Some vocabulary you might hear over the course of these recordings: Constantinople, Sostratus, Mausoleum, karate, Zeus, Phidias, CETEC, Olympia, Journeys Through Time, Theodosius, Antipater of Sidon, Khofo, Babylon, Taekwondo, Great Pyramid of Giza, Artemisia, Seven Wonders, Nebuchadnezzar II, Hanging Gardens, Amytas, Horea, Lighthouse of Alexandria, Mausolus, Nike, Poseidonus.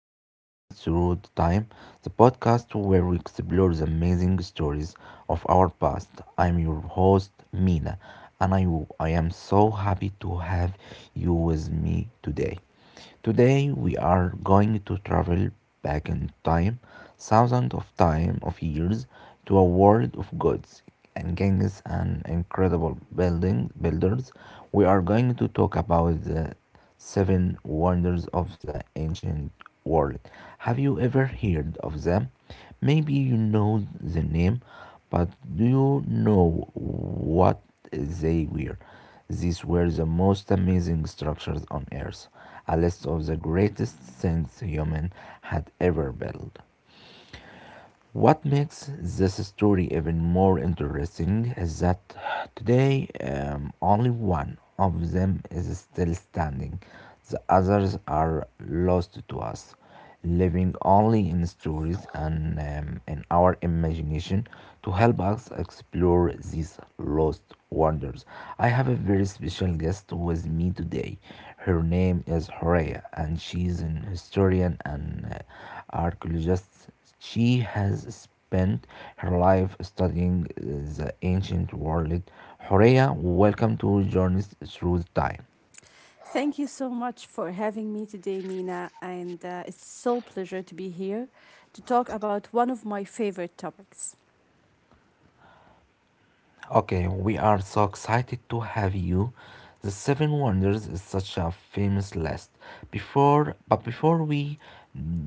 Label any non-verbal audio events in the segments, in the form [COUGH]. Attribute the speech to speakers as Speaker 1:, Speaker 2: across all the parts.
Speaker 1: to Journeys Through Time, the podcast where we explore the amazing stories of our past. I'm your host, Mina, and I am so happy to have you with me today. Today we are going to travel back in time, thousands of time of years, to a world of gods and kings and incredible building builders. We are going to talk about the Seven wonders of the ancient world. Have you ever heard of them? Maybe you know the name, but do you know what they were? These were the most amazing structures on Earth, a list of the greatest things human had ever built. What makes this story even more interesting is that today only one of them is still standing. The others are lost to us, living only in stories and in our imagination to help us explore these lost wonders. I have a very special guest with me today. Her name is Horea, and she's an historian and archaeologist. She has spent her life studying the ancient world. Horea, welcome to Journeys Through Time.
Speaker 2: Thank you so much for having me today, Mina. And it's so pleasure to be here to talk about one of my favorite topics.
Speaker 1: Okay, we are so excited to have you. The Seven Wonders is such a famous list. But before we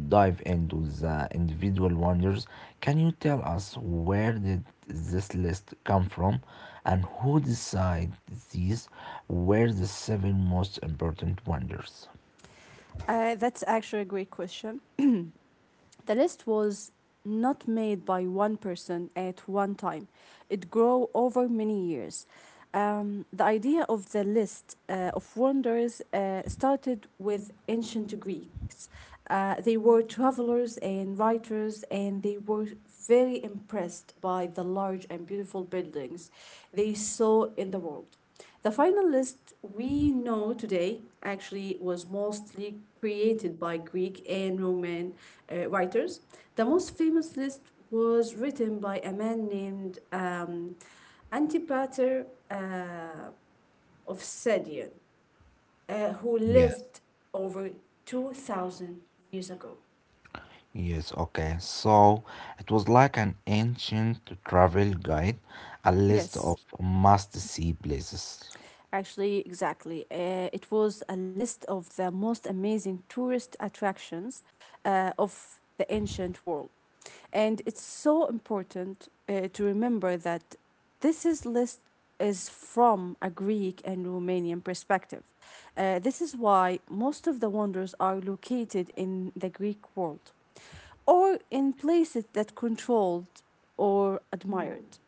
Speaker 1: dive into the individual wonders, can you tell us where did this list come from, and who decided these were the seven most important wonders?
Speaker 2: That's actually a great question. The list was not made by one person at one time. It grew over many years. The idea of the list of wonders started with ancient Greeks. They were travelers and writers, and they were very impressed by the large and beautiful buildings they saw in the world. The final list we know today actually was mostly created by Greek and Roman writers. The most famous list was written by a man named Antipater of Sidon, who
Speaker 1: Yes.
Speaker 2: lived over 2,000 years ago.
Speaker 1: Yes, okay. So it was like an ancient travel guide, a list
Speaker 2: Yes.
Speaker 1: of must-see places.
Speaker 2: Actually, exactly. It was a list of the most amazing tourist attractions of the ancient world. And it's so important to remember that this is list is from a Greek and Romanian perspective. This is why most of the wonders are located in the Greek world or in places that controlled or admired.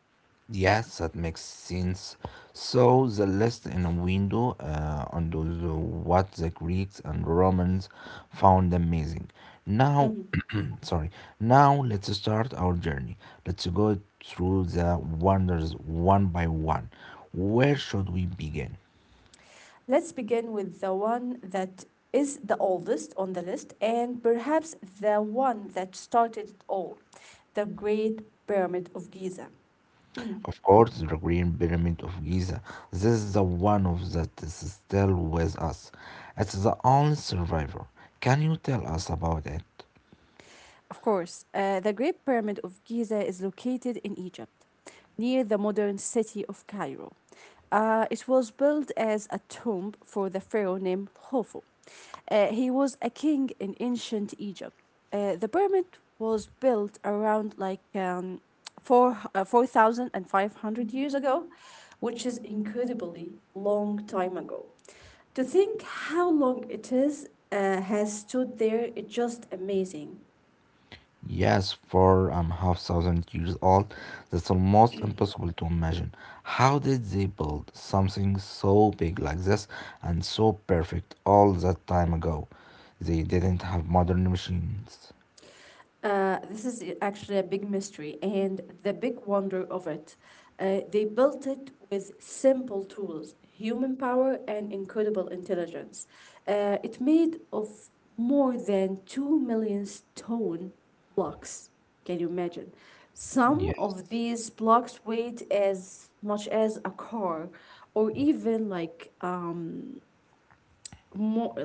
Speaker 1: Yes, that makes sense. So the list in a window on those what the Greeks and Romans found amazing. Now, [CLEARS THROAT] sorry. Now let's start our journey. Let's go through the wonders one by one. Where should we begin?
Speaker 2: Let's begin with the one that is the oldest on the list, and perhaps the one that started it all, the Great Pyramid of Giza.
Speaker 1: Of course, the Green Pyramid of Giza. This is the one of that is still with us. It's the only survivor. Can you tell us about it?
Speaker 2: Of course, the Great Pyramid of Giza is located in Egypt, near the modern city of Cairo. It was built as a tomb for the pharaoh named Khofo. He was a king in ancient Egypt. The pyramid was built around like 4,500 years ago, which is incredibly long time ago. To think how long it is has stood there, it's just amazing.
Speaker 1: Yes, four and a half thousand years old. That's almost impossible to imagine. How did they build something so big like this and so perfect all that time ago? They didn't have modern machines.
Speaker 2: Actually, a big mystery and the big wonder of it. They built it with simple tools, human power, and incredible intelligence. It made of more than 2 million stone blocks. Can you imagine? Some
Speaker 1: Yes,
Speaker 2: of these blocks weighed as much as a car, or more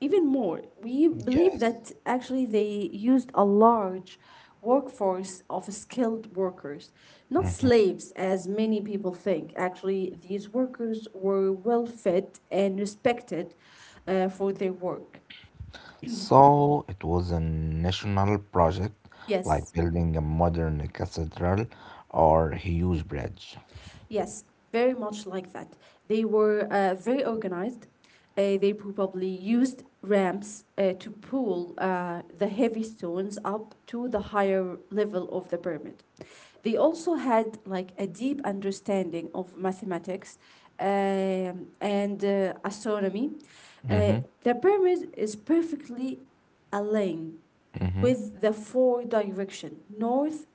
Speaker 2: even more. We believe
Speaker 1: yes.
Speaker 2: that actually they used a large workforce of skilled workers, not slaves as many people think. Actually, these workers were well fed and respected for their work.
Speaker 1: So it was a national project like
Speaker 2: Yes
Speaker 1: building a modern cathedral or a huge bridge.
Speaker 2: Yes, very much like that. They were very organized. They probably used ramps to pull the heavy stones up to the higher level of the pyramid. They also had like a deep understanding of mathematics and astronomy. Uh,
Speaker 1: Mm-hmm.
Speaker 2: the pyramid is perfectly aligned
Speaker 1: Mm-hmm.
Speaker 2: with the four direction, north,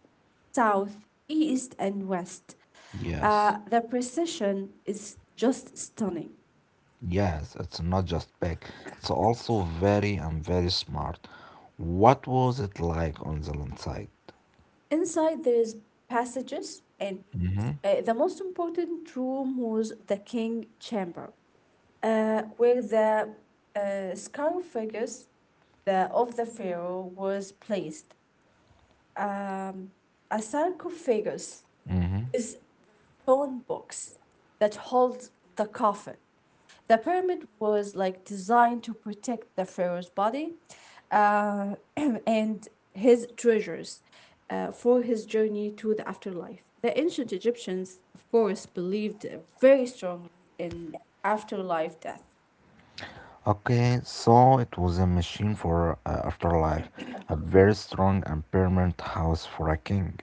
Speaker 2: south, east, and west.
Speaker 1: Yes.
Speaker 2: The precision is just stunning.
Speaker 1: Yes, it's not just big. It's also very and very smart. What was it like on the land side?
Speaker 2: Inside there is passages, and
Speaker 1: Mm-hmm.
Speaker 2: the most important room was the king chamber, where the sarcophagus, of the pharaoh, was placed. Um, a sarcophagus
Speaker 1: Mm-hmm.
Speaker 2: is stone box that holds the coffin. The pyramid was like designed to protect the pharaoh's body [CLEARS THROAT] and his treasures for his journey to the afterlife. The ancient Egyptians, of course, believed very strongly in afterlife death.
Speaker 1: Okay, so it was a machine for afterlife, a very strong and permanent house for a king.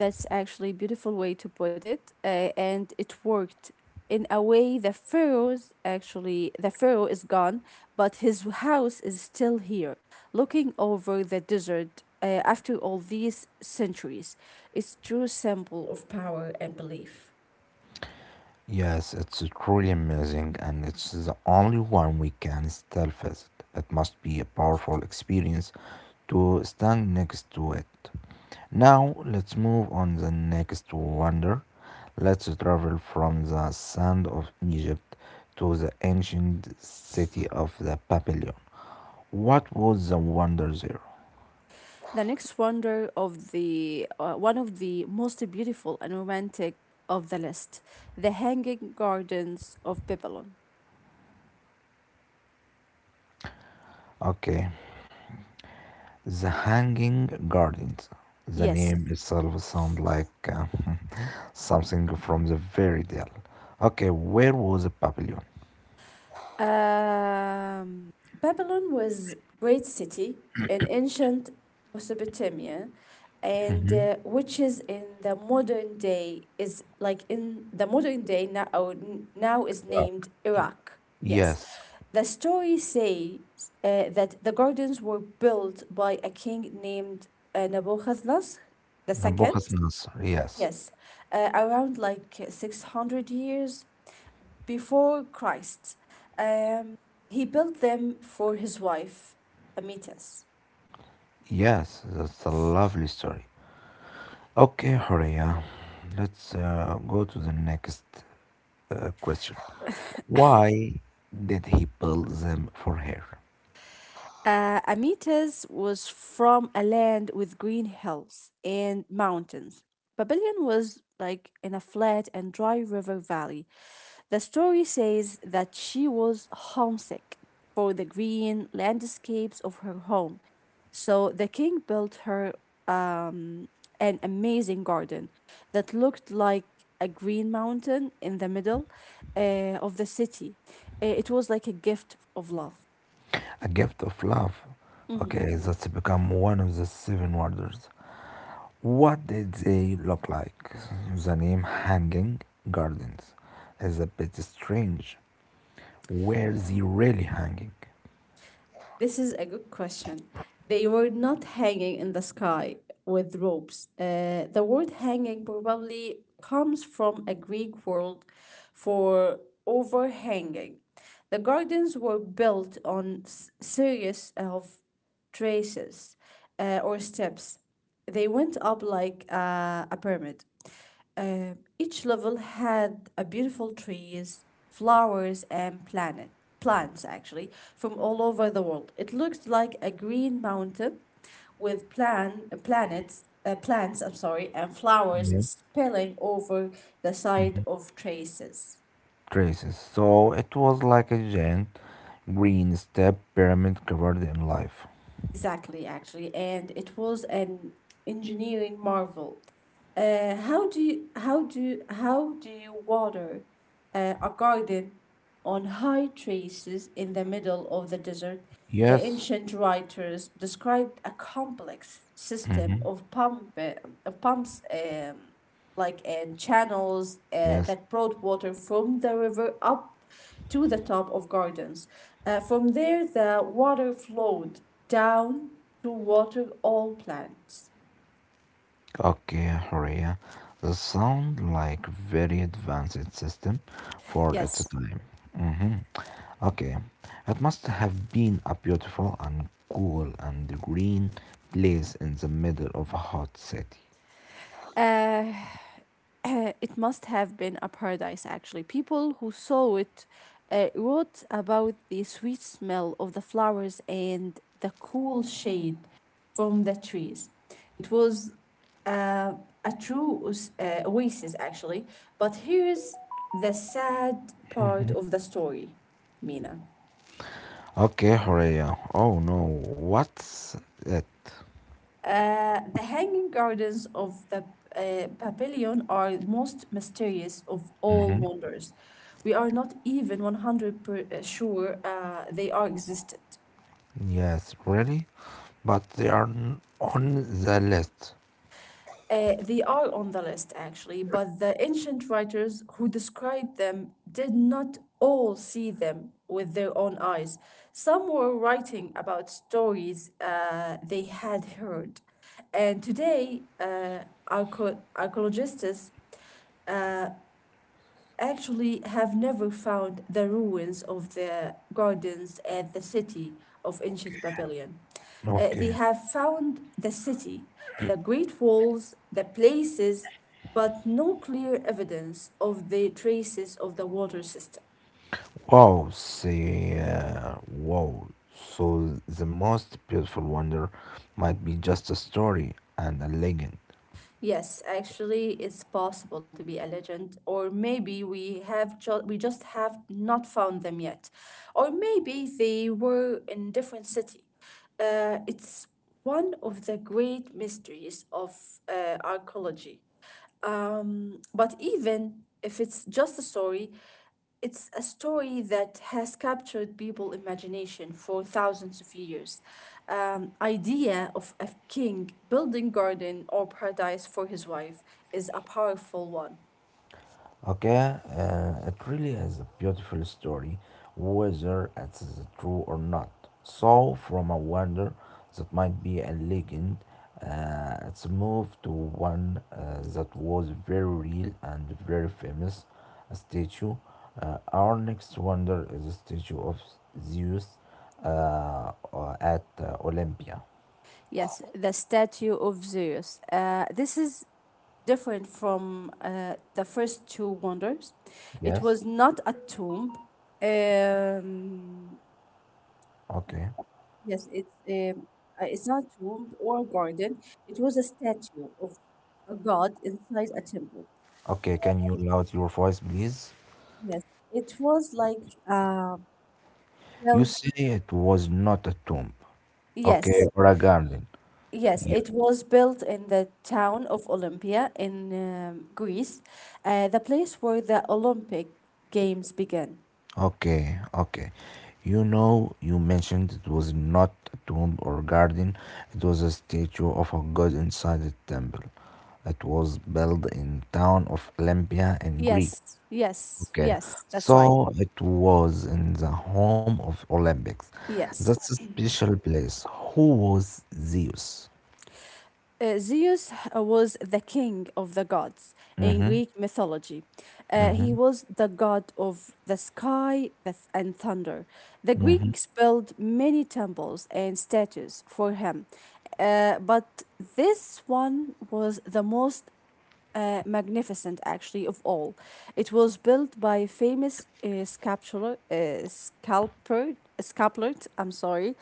Speaker 2: That's actually a beautiful way to put it, and it worked. In a way, the pharaoh is gone, but his house is still here, looking over the desert after all these centuries. It's true symbol of power and belief.
Speaker 1: Yes, it's truly amazing, and it's the only one we can still visit. It must be a powerful experience to stand next to it. Now, let's move on the next wonder. Let's travel from the sand of Egypt to the ancient city of the Babylon. What was the wonder there?
Speaker 2: The next wonder of the, one of the most beautiful and romantic of the list, the hanging gardens of Babylon.
Speaker 1: Okay, the Hanging Gardens. The
Speaker 2: Yes.
Speaker 1: name itself sounds like uh, [LAUGHS] something from the fairy tale. Okay, where was the pavilion?
Speaker 2: Um, Babylon was great city in ancient Mesopotamia, and which is in the modern day is like in the modern day now now is
Speaker 1: Iraq.
Speaker 2: named Iraq. Yes,
Speaker 1: Yes,
Speaker 2: the story says that the gardens were built by a king named Nebuchadnezzar the second.
Speaker 1: Nabucodonosor. Nasr. Yes,
Speaker 2: Yes, around like 600 years before Christ. Um, he built them for his wife, Amytas.
Speaker 1: yes, that's a lovely story. Okay, Horia, let's go to the next question. Why did he build them for her?
Speaker 2: Amytas was from a land with green hills and mountains. Babylon was like in a flat and dry river valley. The story says that she was homesick for the green landscapes of her home. So the king built her um, an amazing garden that looked like a green mountain in the middle of the city. It was like a gift of love.
Speaker 1: A gift of love.
Speaker 2: Mm-hmm.
Speaker 1: Okay, that's become one of the seven wonders. What did they look like? The name Hanging Gardens is a bit strange. Were they really hanging?
Speaker 2: This is a good question. They were not hanging in the sky with ropes. The word hanging probably comes from a Greek word for overhanging. The gardens were built on series of traces or steps. They went up like a pyramid. Each level had a beautiful trees, flowers, and planet plants actually from all over the world. It looked like a green mountain with planets. Plants, I'm sorry, and flowers
Speaker 1: Yes.
Speaker 2: spilling over the side of traces.
Speaker 1: Traces. So it was like a giant green step pyramid covered in life.
Speaker 2: Exactly, actually, and it was an engineering marvel. How do you, how do you, how do you water a garden on high traces in the middle of the desert? The
Speaker 1: Yes.
Speaker 2: ancient writers described a complex system
Speaker 1: Mm-hmm.
Speaker 2: of pumps, and channels
Speaker 1: Yes.
Speaker 2: that brought water from the river up to the top of gardens. From there, the water flowed down to water all plants.
Speaker 1: Okay, Horea. The sound like very advanced system for its
Speaker 2: Yes,
Speaker 1: time. Mm-hmm. Okay, it must have been a beautiful and cool and green place in the middle of a hot city.
Speaker 2: [CLEARS THROAT] it must have been a paradise actually. People who saw it wrote about the sweet smell of the flowers and the cool shade from the trees. It was uh, a true oasis, actually. But here's the sad part of the story, Mina.
Speaker 1: Okay, Horea. Oh no, what's it?
Speaker 2: The hanging gardens of the pavilion are most mysterious of all
Speaker 1: Mhm.
Speaker 2: wonders. We are not even 100%, sure they are existed.
Speaker 1: Yes, really? But they are on the list.
Speaker 2: They are on the list actually, but the ancient writers who described them did not all see them with their own eyes. Some were writing about stories they had heard. And today, archaeologists uh, actually have never found the ruins of the gardens at the city of ancient Babylon. They
Speaker 1: Okay.
Speaker 2: have found the city, the great walls, the places, but no clear evidence of the traces of the water system.
Speaker 1: Wow. So the most beautiful wonder might be just a story and a legend.
Speaker 2: Yes, actually, it's possible to be a legend, or maybe we just have not found them yet, or maybe they were in different city. It's one of the great mysteries of archaeology. But even if it's just a story, it's a story that has captured people's imagination for thousands of years. Idea of a king building garden or paradise for his wife is a powerful one.
Speaker 1: Okay, it really is a beautiful story, whether it's true or not. So, from a wonder that might be a legend, it's moved to one that was very real and very famous a statue. Our next wonder is a statue of Zeus at Olympia.
Speaker 2: Yes, the statue of Zeus. This is different from the first two wonders. It
Speaker 1: Yes?
Speaker 2: was not a tomb. Um,
Speaker 1: Okay.
Speaker 2: Yes, it's not tomb or garden. It was a statue of a god inside a temple.
Speaker 1: Okay, can you loud your voice, please?
Speaker 2: Yes, it was like uh,
Speaker 1: You
Speaker 2: built.
Speaker 1: say it was not a tomb, okay,
Speaker 2: Yes,
Speaker 1: or a garden.
Speaker 2: yes,
Speaker 1: Yeah.
Speaker 2: it was built in the town of Olympia in Greece, the place where the Olympic Games began.
Speaker 1: Okay, okay. You know, you mentioned it was not a tomb or garden. It was a statue of a god inside a temple. It was built in town of Olympia in Greece.
Speaker 2: Yes, yes,
Speaker 1: Okay,
Speaker 2: yes, that's right.
Speaker 1: so it was in the home of Olympics.
Speaker 2: Yes.
Speaker 1: That's a special place. Who was Zeus?
Speaker 2: Zeus was the king of the gods in
Speaker 1: Mm-hmm.
Speaker 2: Greek mythology. He
Speaker 1: Mm-hmm.
Speaker 2: was the god of the sky and thunder. The
Speaker 1: Mm-hmm.
Speaker 2: Greeks built many temples and statues for him, but this one was the most magnificent actually of all. It was built by a famous sculptor, I'm sorry,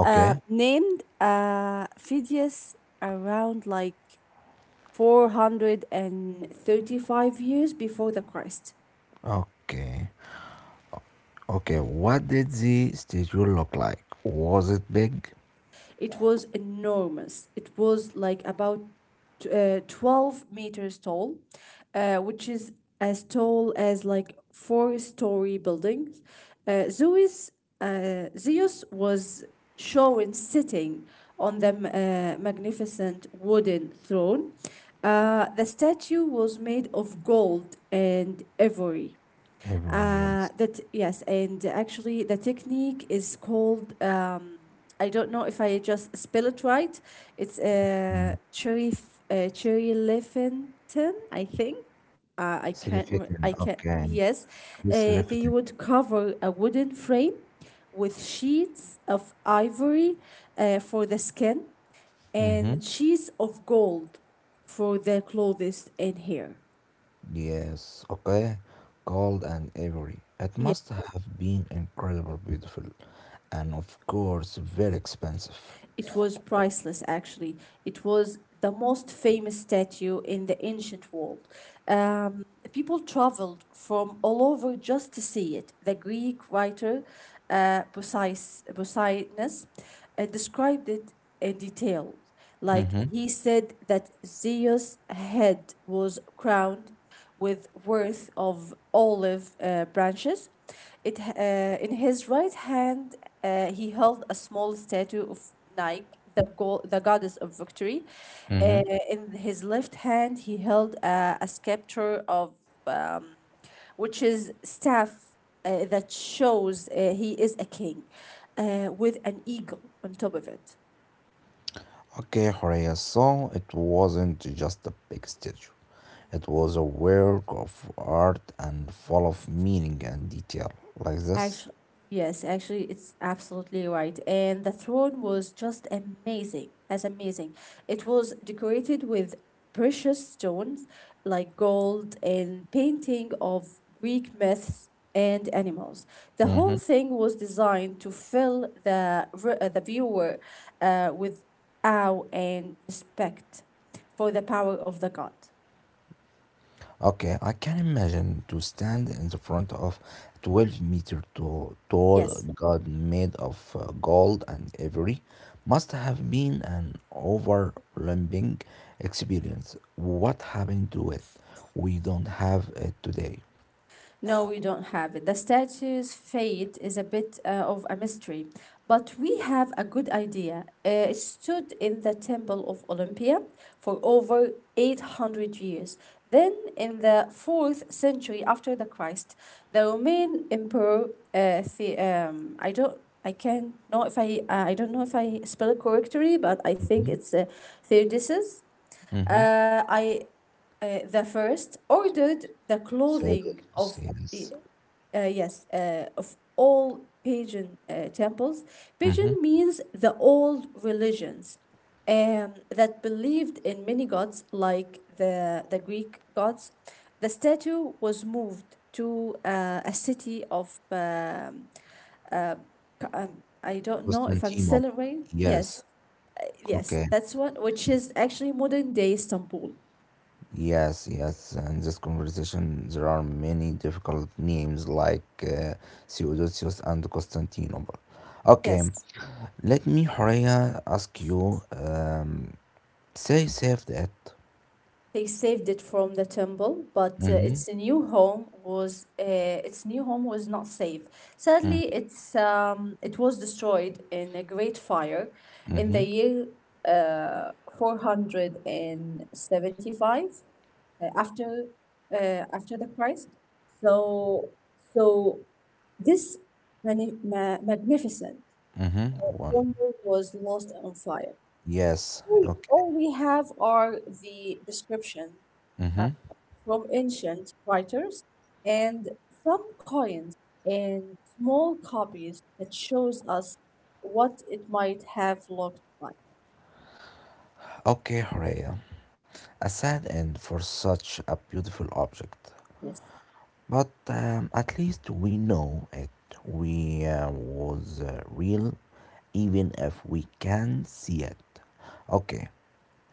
Speaker 2: named Phidias around like 435 years before the Christ.
Speaker 1: Okay. Okay, what did the statue look like? Was it big?
Speaker 2: It was enormous. It was like about 12 meters tall, which is as tall as like four-story buildings. Uh, Zeus, Zeus was shown sitting on the magnificent wooden throne. The statue was made of gold and ivory.
Speaker 1: Everyone is
Speaker 2: That Yes, and actually the technique is called. I don't know if I just spell it right. It's uh, cherry Leffington, I think.
Speaker 1: Silifetin.
Speaker 2: I can't.
Speaker 1: Okay,
Speaker 2: Yes,
Speaker 1: Chris
Speaker 2: they
Speaker 1: Lefton.
Speaker 2: would cover a wooden frame with sheets of ivory for the skin
Speaker 1: Mm-hmm.
Speaker 2: and sheets of gold for the clothes and hair.
Speaker 1: Yes, okay. Gold and ivory. It
Speaker 2: Yeah.
Speaker 1: must have been incredibly beautiful and, of course, very expensive.
Speaker 2: It was priceless, actually. It was the most famous statue in the ancient world. Um, people traveled from all over just to see it. The Greek writer Poseidonus described it in detail. Like
Speaker 1: Mm-hmm.
Speaker 2: he said that Zeus' head was crowned with worth of olive branches. In his right hand, he held a small statue of Nike, the goddess of victory.
Speaker 1: Mm-hmm.
Speaker 2: Uh, in his left hand, he held a scepter of which is staff that shows he is a king with an eagle on top of it.
Speaker 1: Okay, Horea, so it wasn't just a big statue. It was a work of art and full of meaning and detail, like this.
Speaker 2: Actually, yes, actually, it's absolutely right. And the throne was just amazing. It was decorated with precious stones like gold and painting of Greek myths and animals. The whole thing was designed to fill the viewer with awe and respect for the power of the god.
Speaker 1: Okay, I can imagine to stand in the front of 12-meter to- tall
Speaker 2: Yes.
Speaker 1: god made of gold and ivory must have been an overwhelming experience. What happened to it? We don't have it today.
Speaker 2: No, we don't have it. The statue's fate is a bit of a mystery, but we have a good idea. It stood in the temple of Olympia for over 800 years. Then, in the 4th century after the Christ, the Roman emperor, I don't I can not know if I I don't know if I spell it correctly, but I think
Speaker 1: Mhm,
Speaker 2: it's Theodosius
Speaker 1: mhm.
Speaker 2: I the first ordered the
Speaker 1: So,
Speaker 2: clothing
Speaker 1: yes.
Speaker 2: of y-
Speaker 1: This
Speaker 2: yes of all pagan temples.
Speaker 1: is
Speaker 2: Pagan means the old religions that believed in many gods like the Greek gods. The statue was moved to a city of I don't know if I'm
Speaker 1: Constantinople.
Speaker 2: still right.
Speaker 1: Yes.
Speaker 2: Yes, yes,
Speaker 1: Okay.
Speaker 2: that's one which is actually modern day Istanbul.
Speaker 1: Yes, yes. In this conversation, there are many difficult names like Theodosius and Constantinople. Okay,
Speaker 2: Yes.
Speaker 1: let me, Horea, ask you. Say, save that.
Speaker 2: They saved it from the temple, but
Speaker 1: Mm-hmm.
Speaker 2: its new home was not safe. Sadly, it was destroyed in a great fire in
Speaker 1: Mm-hmm.
Speaker 2: the year uh, 475 uh, after after the Christ. So so this magnificent
Speaker 1: Mm-hmm. One.
Speaker 2: wonder was lost on fire.
Speaker 1: Yes.
Speaker 2: We-
Speaker 1: Okay.
Speaker 2: All we have are the description uh,
Speaker 1: Mm-hmm.
Speaker 2: from ancient writers and some coins and small copies that shows us what it might have looked like.
Speaker 1: Okay, Horea. A sad end for such a beautiful object.
Speaker 2: Yes.
Speaker 1: But at least we know it. We was real, even if we can't see it. Okay,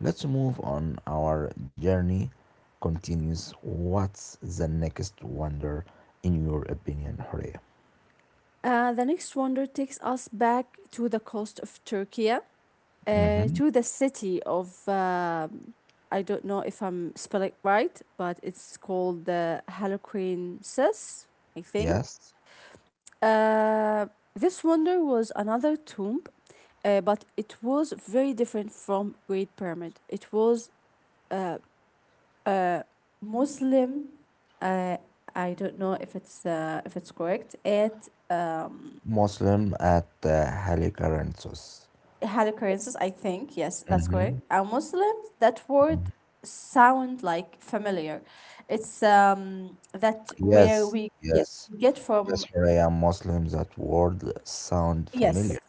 Speaker 1: let's move on. Our journey continues. What's the next wonder, in your opinion, Hurry?
Speaker 2: The next wonder takes us back to the coast of Turkey,
Speaker 1: Mm-hmm.
Speaker 2: to the city of, I don't know if I'm spelling it right, but it's called the Halocrensis, I think.
Speaker 1: Yes,
Speaker 2: Uh, this wonder was another tomb, but it was very different from Great Pyramid. It was Muslim. Uh, I don't know if it's correct. It
Speaker 1: Muslim at Halikarnassus.
Speaker 2: had occurrences. I think yes, that's
Speaker 1: Mm-hmm.
Speaker 2: correct. Muslims. That word sound like familiar. It's that where
Speaker 1: Yes,
Speaker 2: we
Speaker 1: yes,
Speaker 2: get
Speaker 1: yes,
Speaker 2: from.
Speaker 1: Hurry, Muslims. That word sound familiar.
Speaker 2: yes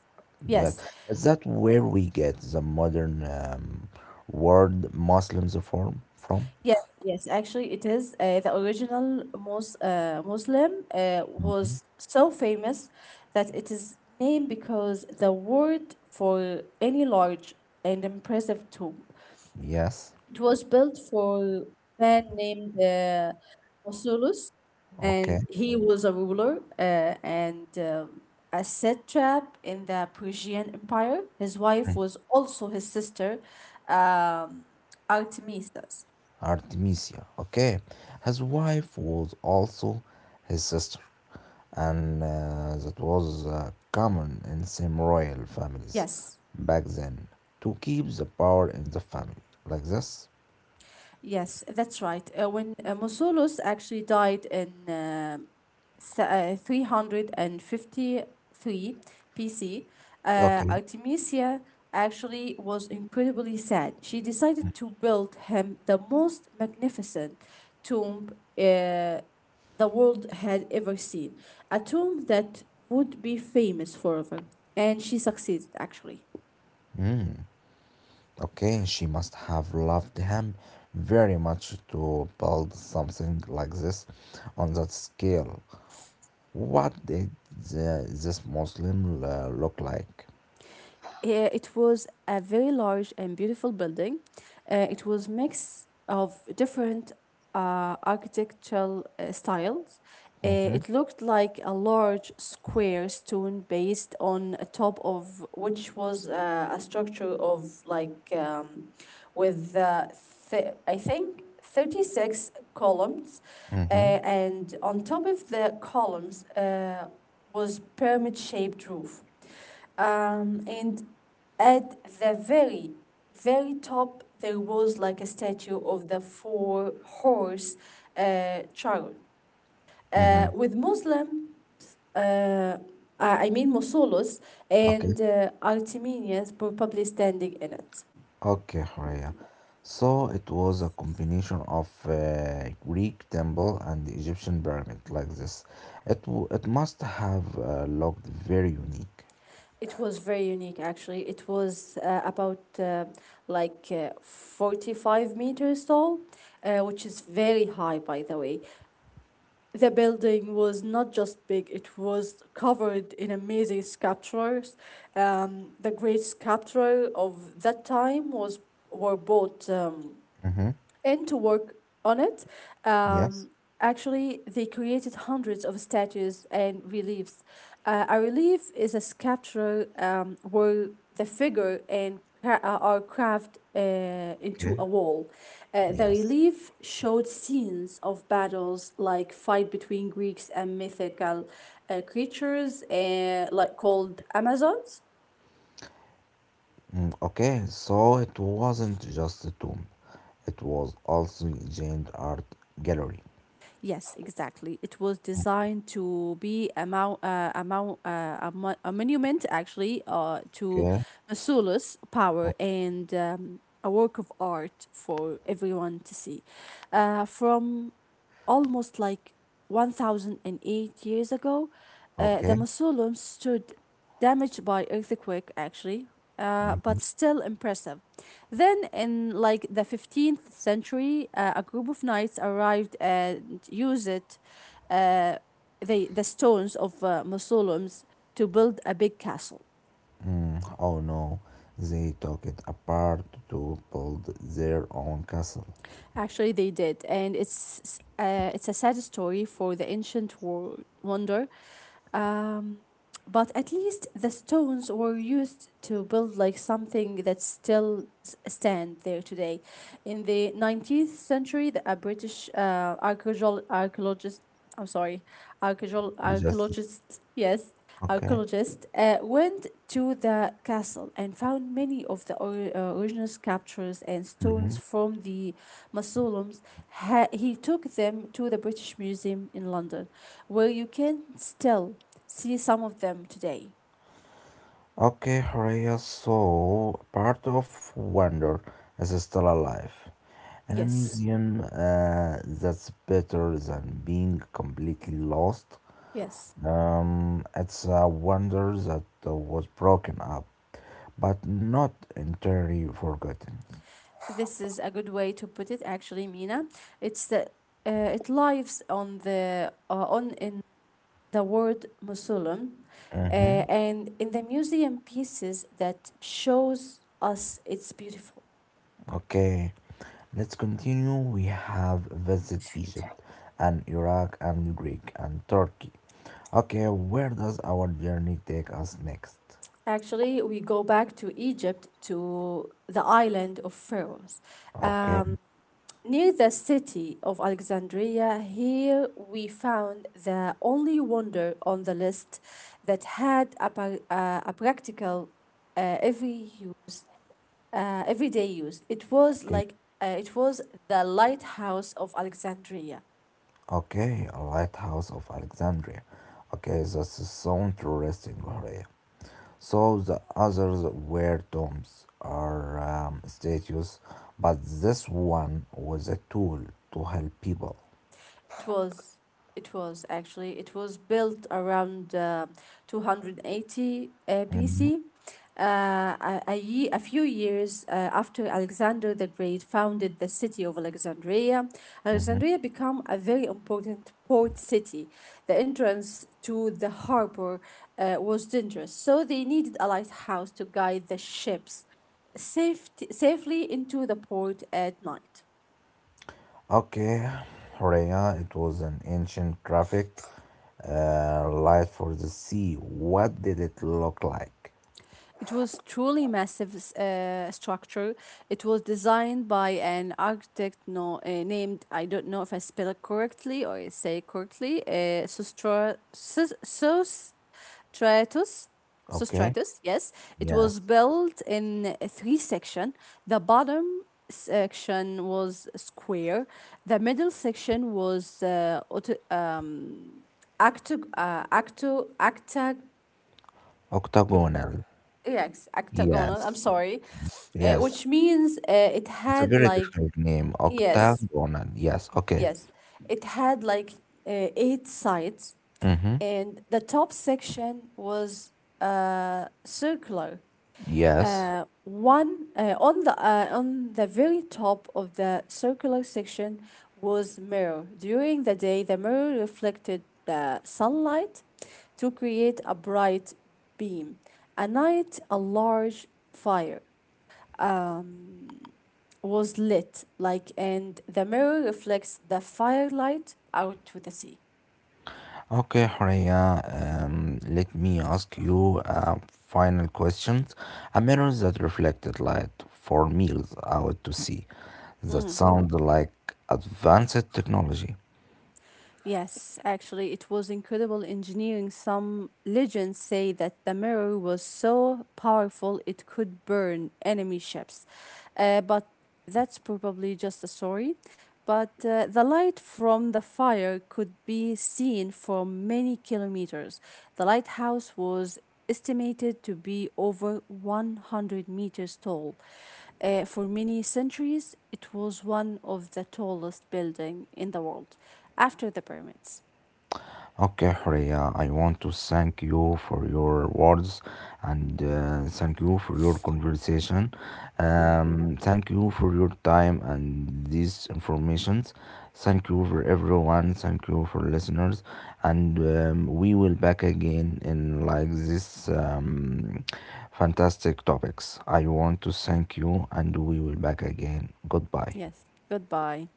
Speaker 1: Yes,
Speaker 2: yes
Speaker 1: is that where we get the modern word Muslims form from?
Speaker 2: Yes, yes, actually it is. The original Mus Muslim
Speaker 1: Mhm.
Speaker 2: was so famous that it is named because the word for any large and impressive tomb.
Speaker 1: Yes,
Speaker 2: It was built for man named Mausolus, and
Speaker 1: okay.
Speaker 2: he was a ruler and a satrap in the Persian Empire. His wife
Speaker 1: Mm.
Speaker 2: was also his sister, um, Artemisia.
Speaker 1: Artemisia, okay. His wife was also his sister, and that was common in some royal families
Speaker 2: Yes.
Speaker 1: back then to keep the power in the family like this.
Speaker 2: Yes, that's right. When Mausolus actually died in 353 BC,
Speaker 1: Okay.
Speaker 2: Artemisia actually was incredibly sad. She decided to build him the most magnificent tomb uh, the world had ever seen, a tomb that would be famous forever. And she succeeded actually.
Speaker 1: Mm. Okay, she must have loved him very much to build something like this on that scale. What did the, this Muslim look like?
Speaker 2: Yeah, it was a very large and beautiful building. It was mix of different architectural styles.
Speaker 1: Mm-hmm,
Speaker 2: It looked like a large square stone based on a top of which was a structure of like with I think 36 columns uh,
Speaker 1: mm-hmm,
Speaker 2: and on top of the columns was pyramid shaped roof. And at the very, very top, there was like a statue of the four-horse chariot.
Speaker 1: mm-hmm.
Speaker 2: With Muslim, uh, I mean Mausolus and
Speaker 1: Okay,
Speaker 2: Artemenius probably standing in it.
Speaker 1: okay, Horea. So it was a combination of Greek temple and Egyptian pyramid like this. It must have looked very unique.
Speaker 2: It was very unique actually. It was about 45 meters tall, which is very high by the way. The building was not just big, it was covered in amazing sculptures. The great sculpture of that time was were both
Speaker 1: Mm-hmm.
Speaker 2: and to work on it.
Speaker 1: Yes.
Speaker 2: Um, actually, they created hundreds of statues and reliefs. A relief is a sculpture where the figure and are carved
Speaker 1: Okay.
Speaker 2: into a wall. The
Speaker 1: Yes.
Speaker 2: relief showed scenes of battles like fight between Greeks and mythical creatures like called Amazons.
Speaker 1: Mm. Okay, so it wasn't just a tomb, it was also a giant art gallery.
Speaker 2: Yes, exactly. It was designed to be a, mou- a, mou- a, mo- a monument, actually, to
Speaker 1: Okay,
Speaker 2: Masula's power
Speaker 1: o-
Speaker 2: and a work of art for everyone to see. From almost like 1008 years ago, the
Speaker 1: okay.
Speaker 2: mausoleum stood damaged by earthquake actually, but still impressive. Then in like the 15th century, a group of knights arrived and used it, uh, the stones of mausoleums to build a big castle.
Speaker 1: Mm, oh no, they took it apart to build their own castle.
Speaker 2: Actually, they did, and it's a sad story for the ancient world wonder. Um, but at least the stones were used to build like something that still stand there today. In the 19th century a British archaeologist, archaeologist I'm sorry archaeologist,
Speaker 1: We Just
Speaker 2: archaeologist yes
Speaker 1: okay.
Speaker 2: archaeologist went to the castle and found many of the original sculptures and stones
Speaker 1: Hmm.
Speaker 2: from the mausoleums. He took them to the British Museum in London where you can still see some of them today.
Speaker 1: Okay, Horea, so part of Wonder is still alive. In a
Speaker 2: Yes,
Speaker 1: museum that's better than being completely lost.
Speaker 2: yes.
Speaker 1: It's a wonder that was broken up, but not entirely forgotten.
Speaker 2: This is a good way to put it, actually, Mina. It's the it lives on the on in the word mausoleum,
Speaker 1: Hmm.
Speaker 2: and in the museum pieces that shows us it's beautiful.
Speaker 1: Okay, let's continue. We have visited Egypt and Iraq and Greek and Turkey. Okay, where does our journey take us next?
Speaker 2: Actually, we go back to Egypt to the island of Pharaohs.
Speaker 1: Okay,
Speaker 2: Um, near the city of Alexandria, here we found the only wonder on the list that had a practical uh, every use, everyday use. It was
Speaker 1: okay,
Speaker 2: like uh, it was the lighthouse of Alexandria.
Speaker 1: okay, a Lighthouse of Alexandria. Okay, that's so interesting, Horea. So the others were tombs or statues, but this one was a tool to help people.
Speaker 2: It was it was built around 280 BC. Uh, a few years after Alexander the Great founded the city of Alexandria, Alexandria became a very important port city. The entrance to the harbor was dangerous, so they needed a lighthouse to guide the ships safely into the port at night.
Speaker 1: Okay, Rhea, it was an ancient traffic, light for the sea. What did it look like?
Speaker 2: It was truly massive structure. It was designed by an architect named I don't know if I spell it correctly or I say it correctly. Uh, Sostratus.
Speaker 1: Okay,
Speaker 2: Sostratus. Yes, it
Speaker 1: yes,
Speaker 2: was built in three section. The bottom section was square. The middle section was auto, octo, octo, octa,
Speaker 1: octagonal.
Speaker 2: Yes, octagonal. I'm
Speaker 1: Yes,
Speaker 2: sorry,
Speaker 1: yes,
Speaker 2: which means it
Speaker 1: it's a
Speaker 2: had
Speaker 1: very
Speaker 2: like
Speaker 1: difficult name.
Speaker 2: yes,
Speaker 1: Octagonal. Yes, okay.
Speaker 2: yes, it had like eight sides,
Speaker 1: Mm-hmm.
Speaker 2: and the top section was circular.
Speaker 1: Yes.
Speaker 2: One on the On the very top of the circular section was mirror. During the day, the mirror reflected the sunlight to create a bright beam. At night, a large fire um, was lit, like, and the mirror reflects the firelight out to the sea.
Speaker 1: Okay, Horea. Let me ask you a final question. A mirror that reflected light for miles out to sea. That sounds like advanced technology.
Speaker 2: Yes, actually, it was incredible engineering. Some legends say that the mirror was so powerful it could burn enemy ships. But that's probably just a story. But the light from the fire could be seen for many kilometers. The lighthouse was estimated to be over 100 meters tall. For many centuries, it was one of the tallest building in the world after the pyramids.
Speaker 1: Okay, Horea. I want to thank you for your words and thank you for your conversation.
Speaker 2: Mhm.
Speaker 1: Thank you for your time and these informations. Thank you for everyone. Thank you for listeners. And we will back again in like this fantastic topics. I want to thank you and we will back again. Goodbye.
Speaker 2: Yes. Goodbye.